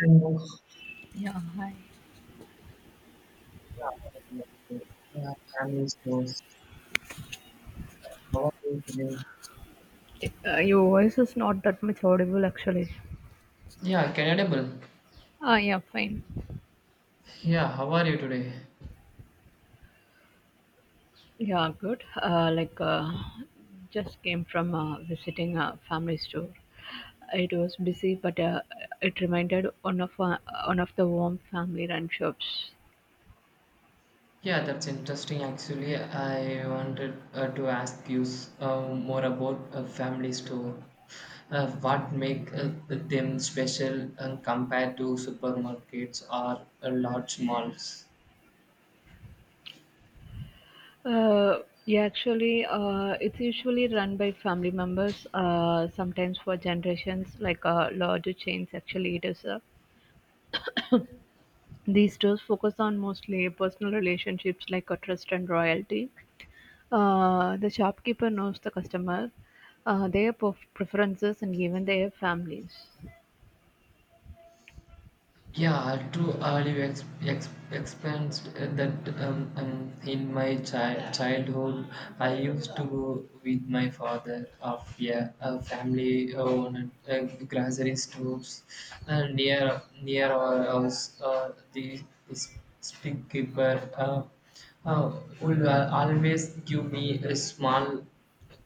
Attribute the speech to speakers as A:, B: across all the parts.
A: And those,
B: Yeah, hi.
A: yeah, yeah, families, those, how are you today?
B: Your voice is not that much audible actually.
A: Yeah, Canadable.
B: Ah, yeah, fine.
A: Yeah, how are you today?
B: Yeah, good. Like, just came from visiting a family store. It was busy, but it reminded one of the warm family run shops.
A: Yeah, that's interesting. Actually, I wanted to ask you more about a family store. What make them special and compared to supermarkets or large malls?
B: Uh, yeah, actually, it's usually run by family members. Sometimes for generations, like larger chains. Actually, it is. These shows focus on mostly personal relationships like trust and loyalty. The shopkeeper knows the customer, their preferences, and even their families.
A: Yeah, too early expense that in my childhood, I used to go with my father of yeah, a family owned grocery stores near our house. The the speak uh, would always give me a small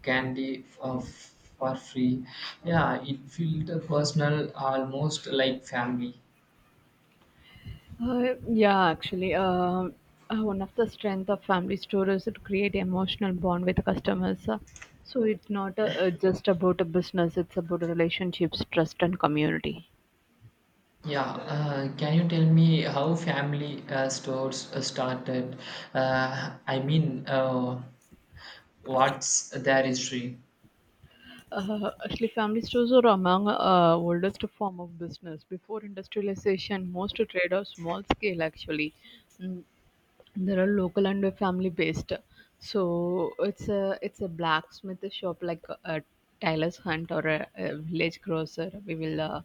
A: candy of for free. Yeah, it felt personal, almost like family.
B: Yeah, actually, one of the strength of family store is to create emotional bond with the customers. So it's not just about a business; it's about relationships, trust, and community.
A: Yeah, can you tell me how family stores started? I mean, what's their history?
B: Actually, family stores are among oldest form of business. Before industrialization, most trade are small scale actually. Mm, there are local and family based, so it's a blacksmith shop, like a tailor's hunt, or a village grocer, we will uh,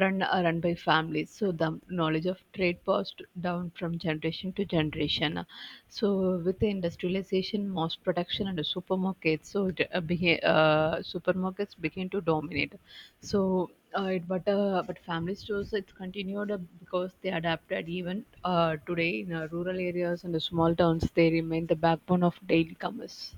B: run uh, run by families. So the knowledge of trade passed down from generation to generation. So with the industrialization, mass production and the supermarkets, so supermarkets begin to dominate. So it but family stores it continued because they adapted, even today in rural areas and the small towns they remain the backbone of daily commerce.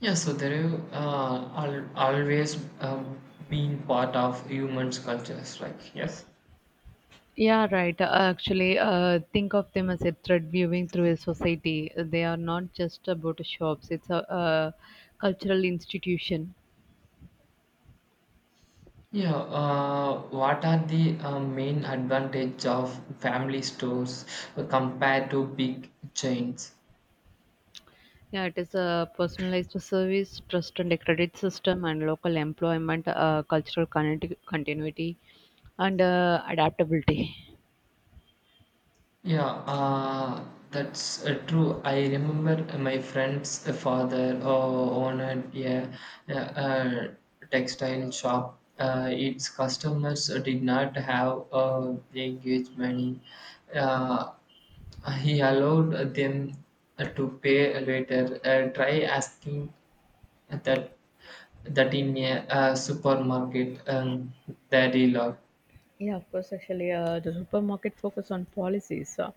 A: Yeah, so they are al always been part of humans' cultures, right? Yes.
B: Yeah, right. Actually, think of them as a thread viewing through a society. They are not just about shops. It's a cultural institution.
A: Yeah, what are the main advantage of family stores compared to big chains?
B: Yeah, it is a personalized service, trust and a credit system, and local employment, cultural continuity, and adaptability.
A: Yeah, that's true. I remember my friend's father owned a textile shop. Its customers did not have engaged money. Uh, he allowed them to pay later. Try asking that that in a, supermarket that he loved.
B: Yeah, of course. Actually, the supermarket focus on policies. Uh,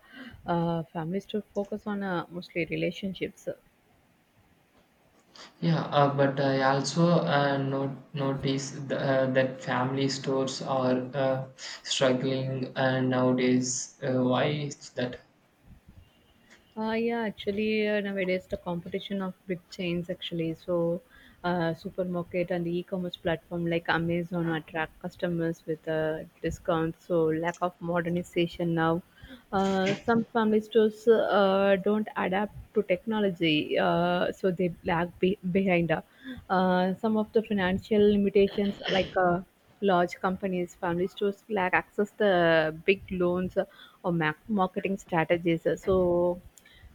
B: uh, Families to focus on mostly relationships.
A: Yeah, but I also not notice the, that family stores are struggling nowadays. Why is that?
B: Yeah, actually, nowadays the competition of big chains actually. So, supermarket and the e-commerce platform like Amazon attract customers with discounts. So, lack of modernization now. Some family stores don't adapt to technology, so they lag behind. Some of the financial limitations, like large companies, family stores lack access to big loans or marketing strategies. So,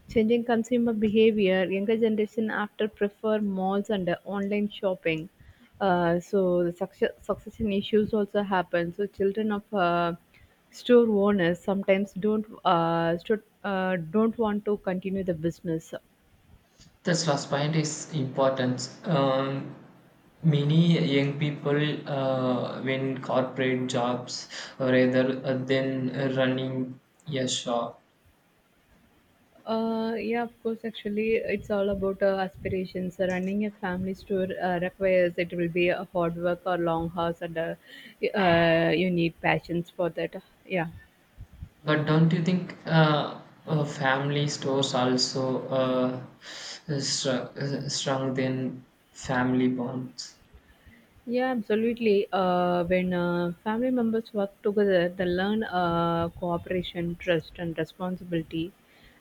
B: changing consumer behavior, younger generation after prefer malls and online shopping. So the succession issues also happen. So children of store owners sometimes don't want to continue the business.
A: This last point is important. Many young people win corporate jobs rather than running a shop.
B: Yeah, of course. Actually, it's all about aspirations. Running a family store requires it will be a hard work or long hours, and you need passions for that. Yeah.
A: But don't you think family stores also str- strengthen family bonds?
B: Yeah, absolutely. When family members work together, they learn cooperation, trust, and responsibility.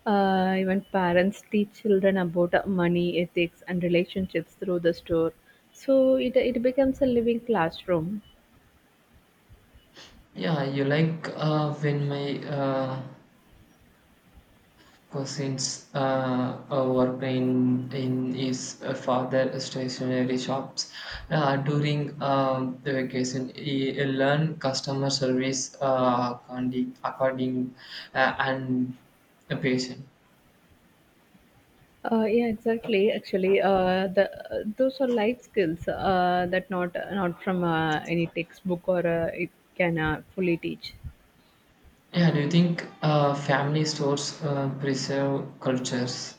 B: Even parents teach children about money, ethics, and relationships through the store. So it becomes a living classroom.
A: Yeah, you like when my cousins worked in his father stationery shops during the vacation. He learn customer service according and a patient.
B: Yeah, exactly. Actually, the those are life skills that not from any textbook or it can fully teach.
A: Yeah, do you think family stores preserve cultures?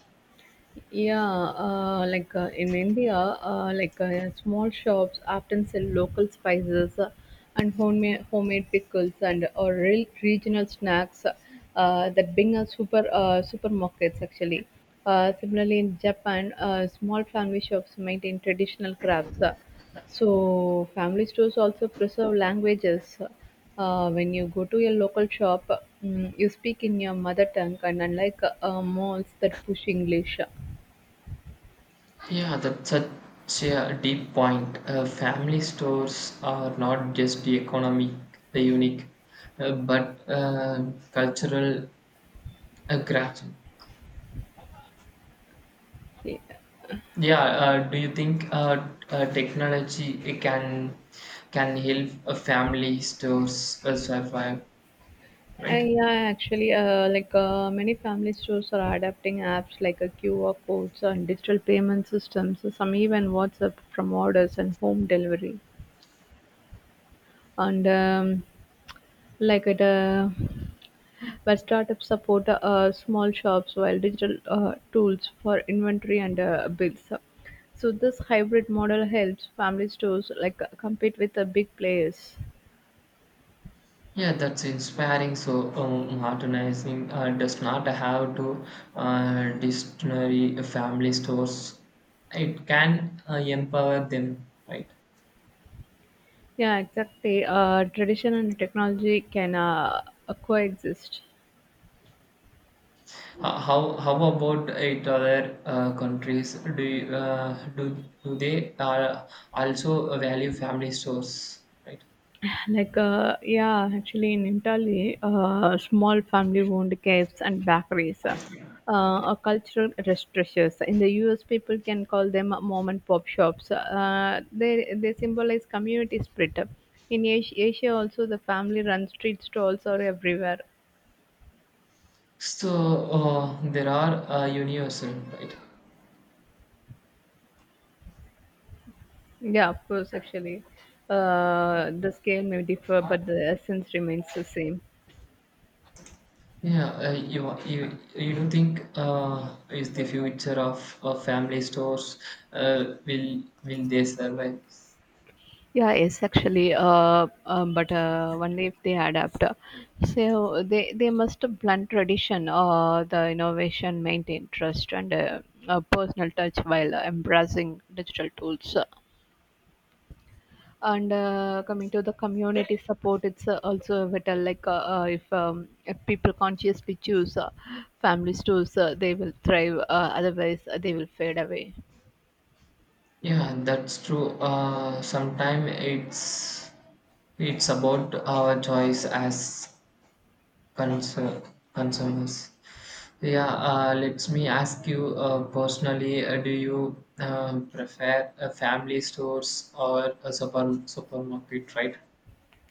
B: Yeah, like in India, like small shops often sell local spices and homemade pickles and or real regional snacks that bring us supermarkets actually. Similarly, in Japan, small family shops maintain traditional crafts. So family stores also preserve languages. When you go to your local shop, you speak in your mother tongue, and unlike malls that push English.
A: Yeah, that's such a deep point. Family stores are not just economic, the unique, but cultural grasping.
B: Yeah,
A: Yeah, do you think technology it can help family stores survive?
B: uh,
A: Right?
B: yeah, actually, like many family stores are adapting apps like QR codes and digital payment systems, some even WhatsApp from orders and home delivery. And like it, uh, where startups support small shops while digital tools for inventory and bills. So this hybrid model helps family stores like compete with the big players.
A: Yeah, that's inspiring. So, modernizing does not have to destroy family stores. It can empower them, right?
B: Yeah, exactly. Tradition and technology can coexist.
A: How about it other countries? Do you, do they also value family stores, right?
B: Like, yeah, actually, in Italy, small family-owned caves and bakeries are cultural restaurants. In the U.S., people can call them mom and pop shops. They symbolize community spirit. In Asia also, the family-run street stalls are everywhere.
A: So there are universal, right?
B: Yeah, of course, actually, the scale may differ, but the essence remains the same.
A: Yeah, you you don't think is the future of family stores will they survive?
B: Yeah, yes, actually, but only if they adapt. So they must blunt tradition, the innovation, maintain trust, and a personal touch while embracing digital tools. And coming to the community support, it's also vital. Like if people consciously choose family stores, they will thrive. Otherwise, they will fade away.
A: Yeah, that's true. Sometimes it's about our choice as consu- consumers. Yeah, let me ask you personally. Do you prefer family stores or a supermarket? Right?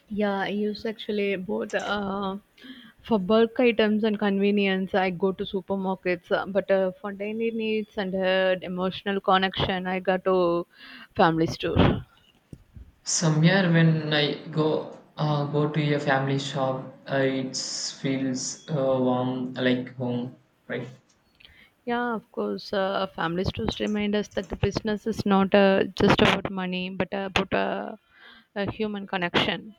B: Yeah, I use actually both for bulk items and convenience. I go to supermarkets, but for daily needs and emotional connection, I go to family store.
A: Somewhere when I go to a family shop, it feels warm like home, right?
B: Yeah, of course, family stores remind us that the business is not just about money, but about a human connection.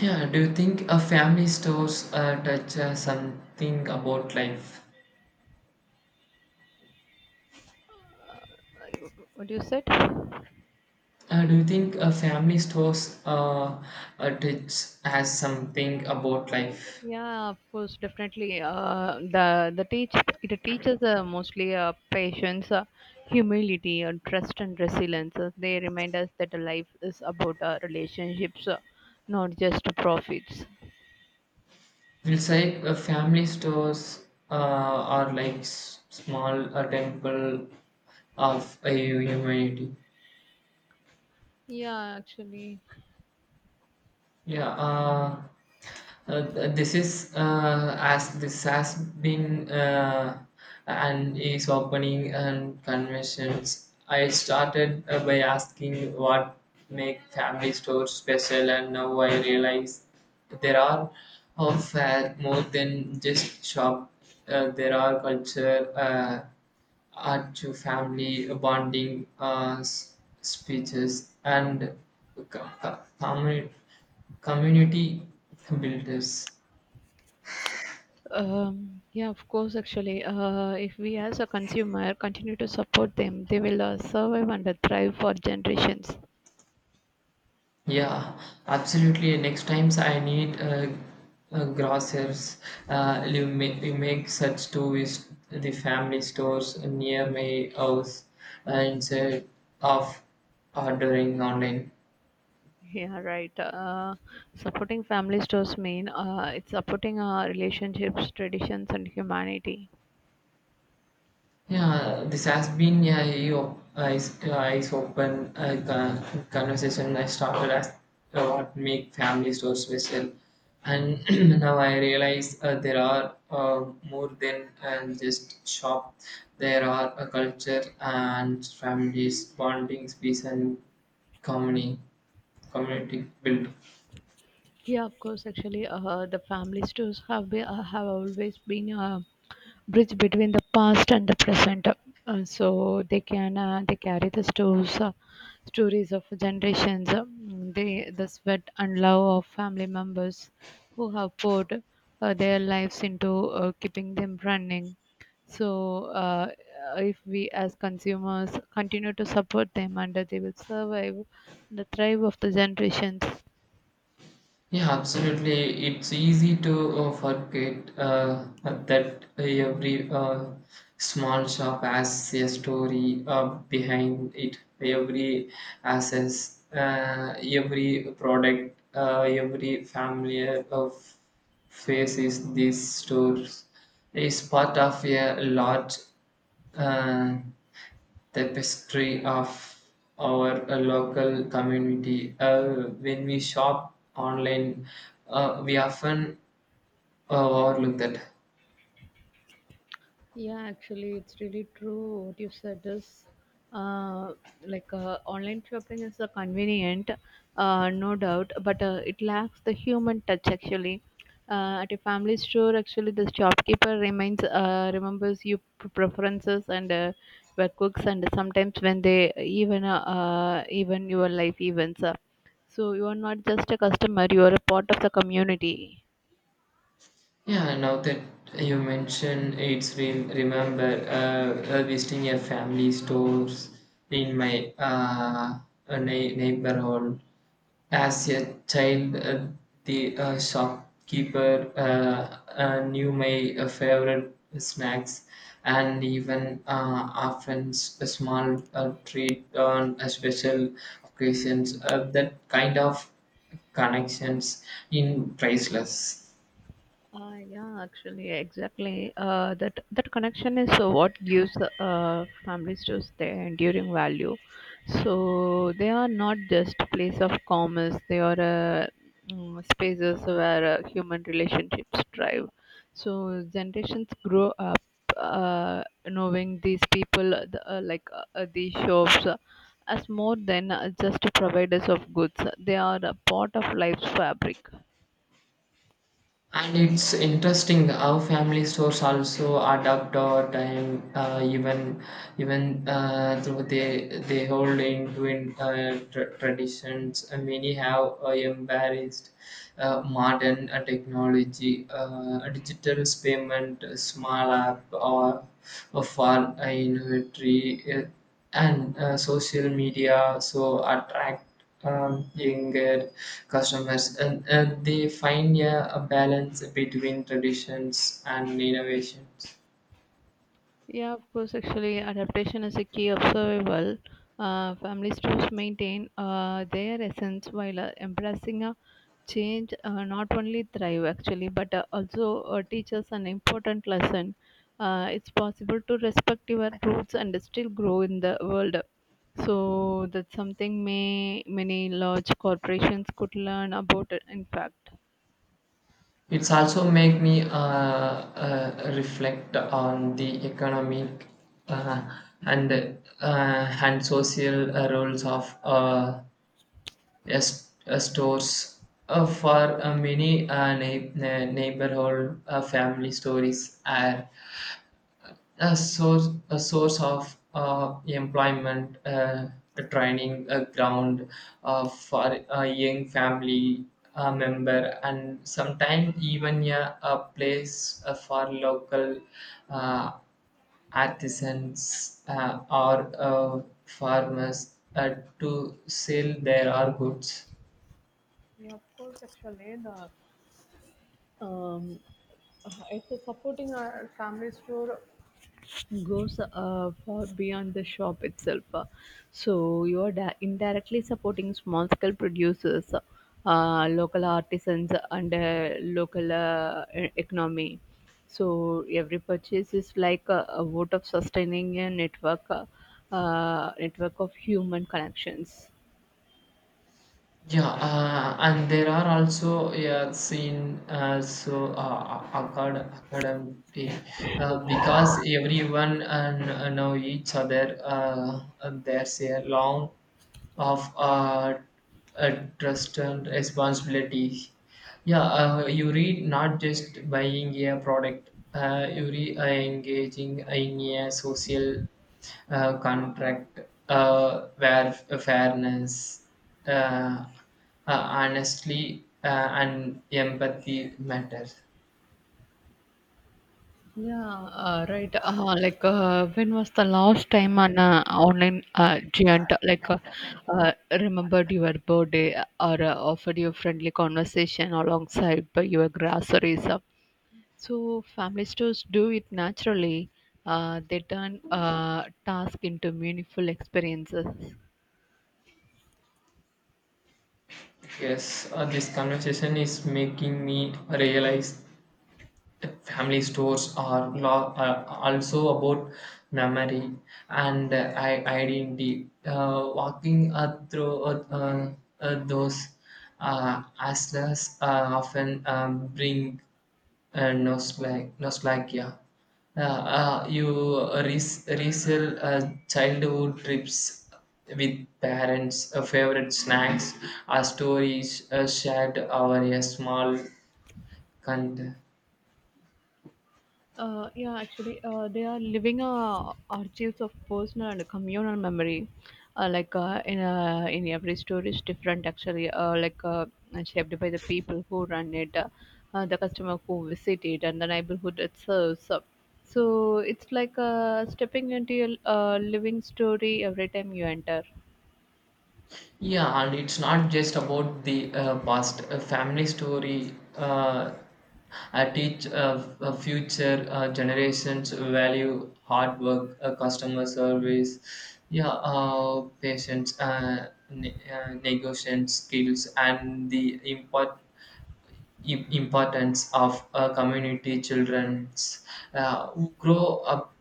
A: Yeah. Do you think a family stores touch something about life?
B: Uh, What you said?
A: Do you think a family stores touch has something about life?
B: Yeah, of course, definitely. The teach it teaches mostly patience, humility, and trust and resilience. They remind us that life is about relationships, not just profits.
A: We'll say family stores are like small temple of a humanity.
B: Yeah, actually.
A: Yeah, this is as this has been and is opening and conventions. I started by asking what make family stores special, and now I realize there are of fair more than just shop. There are culture, art to family bonding, speeches, and com- com- community builders.
B: Yeah, of course, actually. If we as a consumer continue to support them, they will survive and thrive for generations.
A: Yeah, absolutely. Next times I need grocers. You make such to is the family stores near my house instead of ordering online.
B: Yeah, right. Supporting families does mean it's supporting our relationships, traditions, and humanity.
A: Yeah, this has been a eyes open conversation I started as what make family stores special, and now I realize there are more than just shop. There are a culture and families, bonding space, and community community built.
B: Yeah, of course. Actually, the family stores have always been bridge between the past and the present. So they carry the stories stories of generations. The sweat and love of family members who have poured their lives into keeping them running. So if we as consumers continue to support them and they will survive the thrive of the generations.
A: Yeah, absolutely. It's easy to forget that every small shop has a story behind it. Every access, every product, every family of faces these stores is part of a large uh, tapestry of our local community. When we shop online, we often overlook that.
B: Yeah, actually, it's really true. What you said is, uh, like online shopping is convenient, no doubt, but it lacks the human touch. Actually, at a family store, actually, the shopkeeper remains remembers your preferences and your cooks, and sometimes when they even your life events. So you are not just a customer; you are a part of the community.
A: Yeah, now that you mention it's remember visiting a family stores in my neighborhood. As a child, the shopkeeper knew my favorite snacks and even often a small treat on a special occasions. That kind of connections in priceless.
B: Yeah, actually, exactly. That connection is what gives families to their enduring value. So they are not just place of commerce; they are spaces where human relationships thrive. So generations grow up knowing these people, like these shops, as more than just providers of goods. They are a part of life's fabric.
A: And it's interesting how family stores also adapt or time, even though they hold into in, traditions. Many have embraced modern technology, digital payment, small app, or for inventory and social media. So attract younger customers and they find a balance between traditions and innovations.
B: Yeah, of course. Actually, adaptation is a key of survival. Families must maintain their essence while embracing a change. Not only thrive actually, but also teach us an important lesson. It's possible to respect your roots and still grow in the world. So that's something may many large corporations could learn about it, in fact.
A: It's also make me reflect on the economic uh, and and social roles of stores for many neighborhood family stories are a source of employment a training a ground for a young family member and sometimes even a place for local uh, artisans or farmers to sell their goods.
B: Yeah, of course, actually, the um, it's a supporting our families to goes far beyond the shop itself. So you are indirectly supporting small scale producers, local artisans, and local economy. So every purchase is like a vote of sustaining a network, of human connections.
A: Yeah, and there are also yeah, seen as so academic because everyone and know each other. And there's a long of uh, trust and responsibility. Yeah, you read not just buying a product. You re engaging in a social contract where fairness, uh, uh, honestly, and empathy matter.
B: Yeah, right. Like, when was the last time an online giant like remembered your birthday or offered you a friendly conversation alongside by your groceries? So family stores do it naturally. They turn task into meaningful experiences.
A: Yes, this conversation is making me realize family stores are also about memory and identity. Walking through uh, those hustlers often bring nostalgia. Uh, you resell childhood trips with parents, favorite snacks, stories shared over a small container.
B: Yeah, actually, they are living archives of personal and communal memory. Like in every story is different actually. Like and shaped by the people who run it, the customer who visit it, and the neighborhood it serves. So it's like stepping into a living story every time you enter.
A: Yeah, and it's not just about the past. A family story teach future generations value hard work, customer service, yeah, patience, negotiation skills, and the import im- importance of a community children's who grow up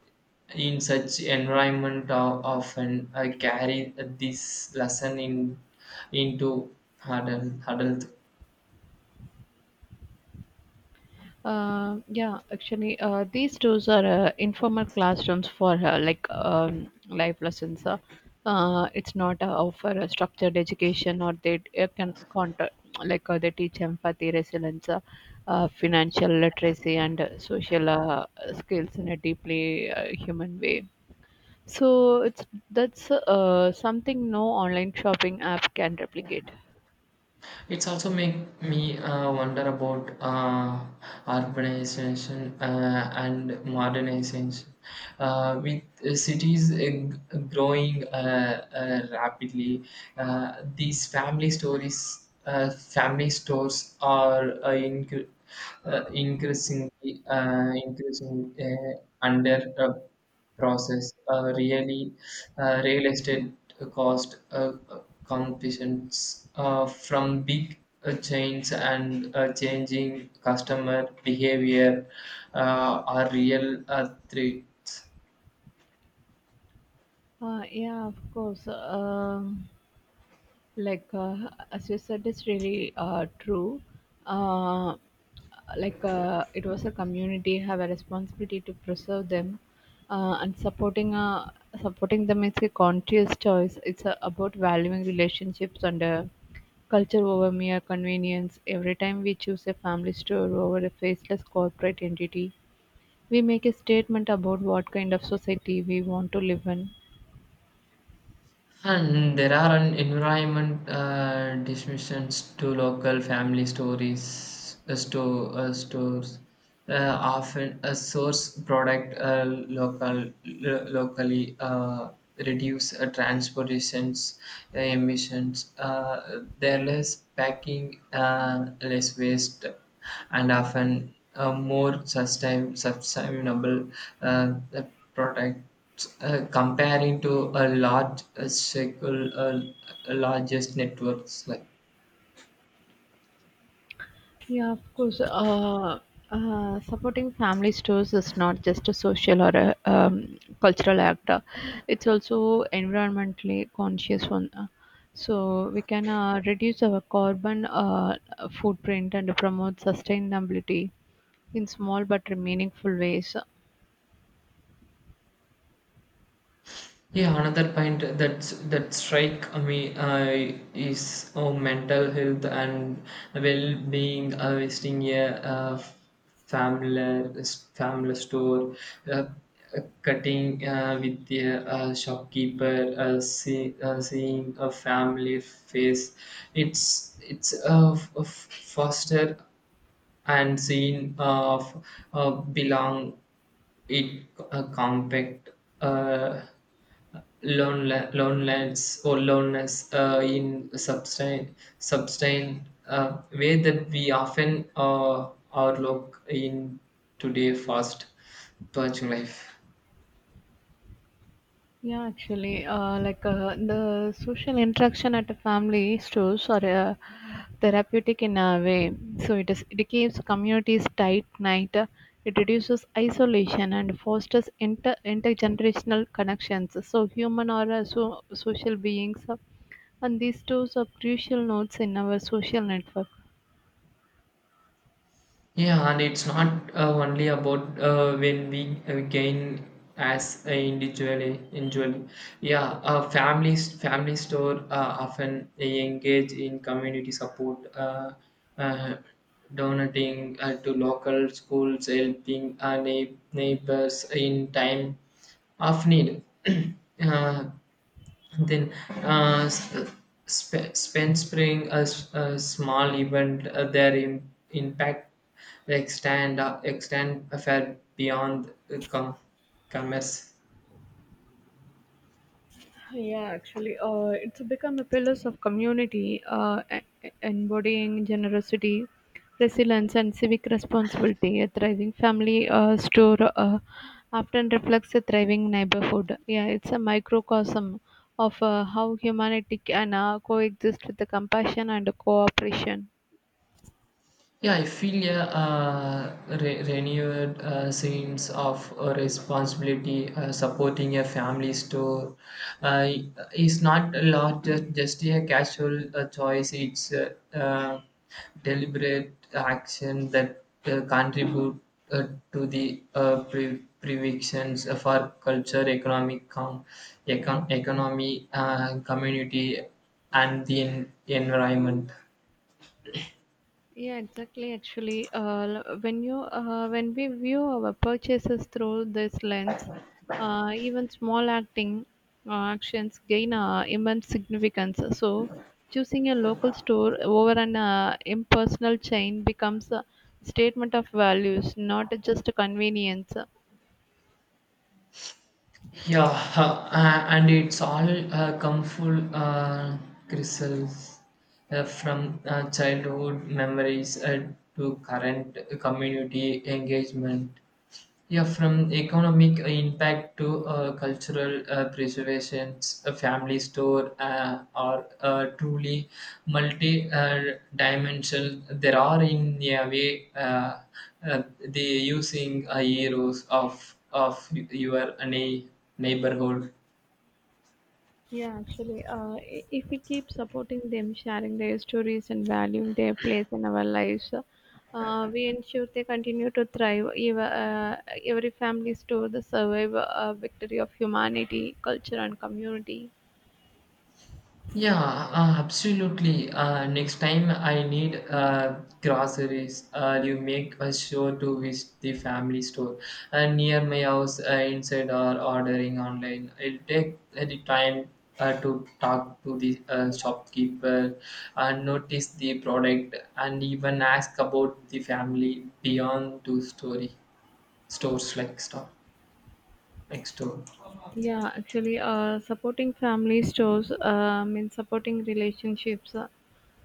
A: in such environment are often carry this lesson in into adult.
B: Yeah, actually, these tools are informal classrooms for like life lessons. It's not offer a structured education, or they can contact like they teach empathy, resilience, financial literacy, and social skills in a deeply human way. So it's that's something no online shopping app can replicate.
A: It's also make me wonder about urbanization and modernization. With cities growing rapidly, these family stores are increasing under process, really real estate cost competitions from big chains and changing customer behavior are real threats.
B: Yeah, of course. Like as you said it's really true uh, like it was a community have a responsibility to preserve them, and supporting them is a conscious choice. It's about valuing relationships and culture over mere convenience. Every time we choose a family store over a faceless corporate entity we make a statement about what kind of society we want to live in.
A: And there are an environment dismissions to local family stories, stores, often a source product local locally reduce transportations emissions. There less packing, less waste, and often a more sustainable uh, product. Comparing to a large circle, largest networks like
B: Yeah, of course. Supporting family stores is not just a social or a cultural act. It's also environmentally conscious one. So we can reduce our carbon footprint and promote sustainability in small but meaningful ways.
A: yeah. Another point that's that strike me is mental health and well-being. Visiting a family family store, uh, cutting with the shopkeeper, seeing a family face. It's a foster and scene of belong it compact uh, loneliness or loneliness in sustain sustain way that we often overlook in today fast watching life.
B: Yeah, actually, like the social interaction at a family stores are therapeutic in a way. So it keeps communities tight knit. It reduces isolation and fosters intergenerational connections. So human are so social beings, and these two are crucial nodes in our social network.
A: Yeah, and it's not only about when we gain as a individually. Yeah, family store often engage in community support, uh, donating to local schools, helping our neighbors in time of need. uh, and then uh, s- uh, spend spring a small event their impact extend a fair beyond commerce.
B: Yeah, actually, it's become a pillar of community, embodying generosity, resilience, and civic responsibility. A thriving family store often reflects a thriving neighborhood. Yeah, it's a microcosm of how humanity can coexist with the compassion and cooperation.
A: Yeah, I feel a renewed sense of responsibility supporting a family store uh, is not a lot just a casual choice. It's a deliberate action that contribute uh, to the predictions of our culture, economic economy, community, and the environment.
B: Yeah, exactly. Actually, when we view our purchases through this lens, even small acting actions gain immense significance. So, choosing a local store over an impersonal chain becomes a statement of values, not just a convenience.
A: Yeah, and it's all come full crystals from childhood memories to current community engagement. Yeah, from economic impact to cultural preservations, a family store are truly multi-dimensional. There are in a way the using heroes of your neighborhood.
B: Yeah, actually, if we keep supporting them, sharing their stories and valuing their place in our lives, we ensure they continue to thrive. Every family store the survival victory of humanity, culture, and community.
A: Yeah, absolutely. Next time I need groceries, you make a sure to visit the family store and near my house instead or ordering online. I'll take the time to talk to the shopkeeper and notice the product and even ask about the family beyond two-story stores like store next door.
B: Yeah, actually, supporting family stores means supporting relationships, uh,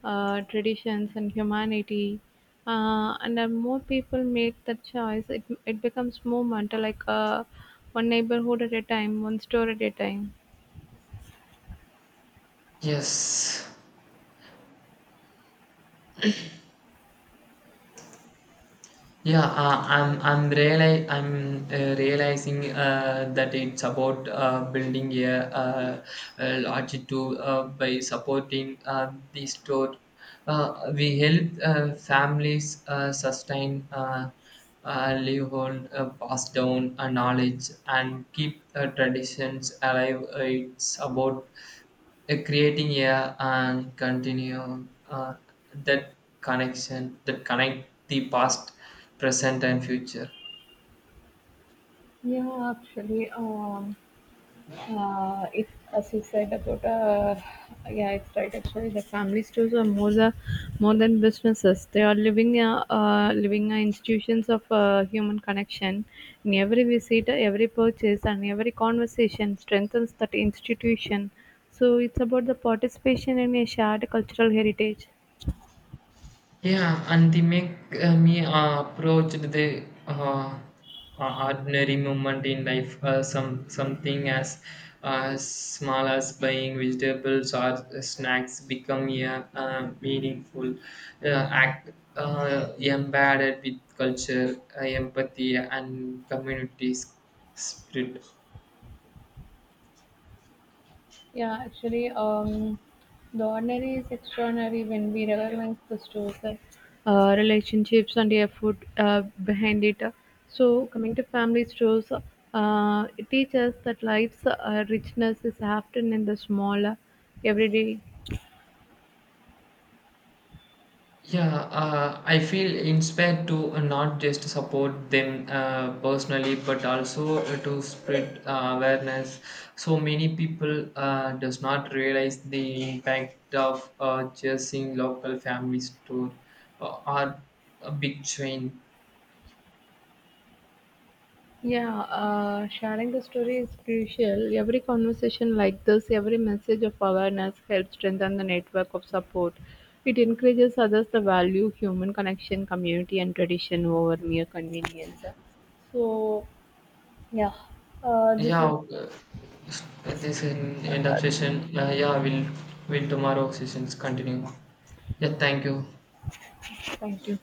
B: uh, traditions, and humanity. And the more people make that choice, it becomes movement, like one neighborhood at a time, one store at a time.
A: Yes. Yeah, I'm realizing that it's about building uh, a longitude by supporting the store. We help families sustain livelihood, pass down knowledge, and keep traditions alive. It's about creating a and continuum that connection that connect the past present and future.
B: Yeah, actually. It As you said about yeah it's right actually the family stores are more than businesses. They are living institutions of human connection. In every visit every purchase and every conversation strengthens that institution, so it's about the participation in a shared cultural heritage.
A: Yeah, and they make me approach the ordinary moment in life, something as small as buying vegetables or snacks become a meaningful uh, act embedded with culture, empathy, and community spirit.
B: Yeah, actually, the ordinary is extraordinary when we recognize the stores, like relationships and the effort behind it. So, coming to family stores, it teaches that life's richness is often in the smaller, everyday.
A: Yeah, I feel inspired to not just support them personally, but also to spread awareness. So many people does not realize the impact of choosing local family store or a big chain.
B: Yeah, sharing the story is crucial. Every conversation like this, every message of awareness helps strengthen the network of support. It encourages others to value human connection, community, and tradition over mere convenience. So, yeah, this
A: Yeah,
B: is
A: this is an end of session. Yeah, we'll will tomorrow sessions continue. Yeah, thank you.
B: thank you.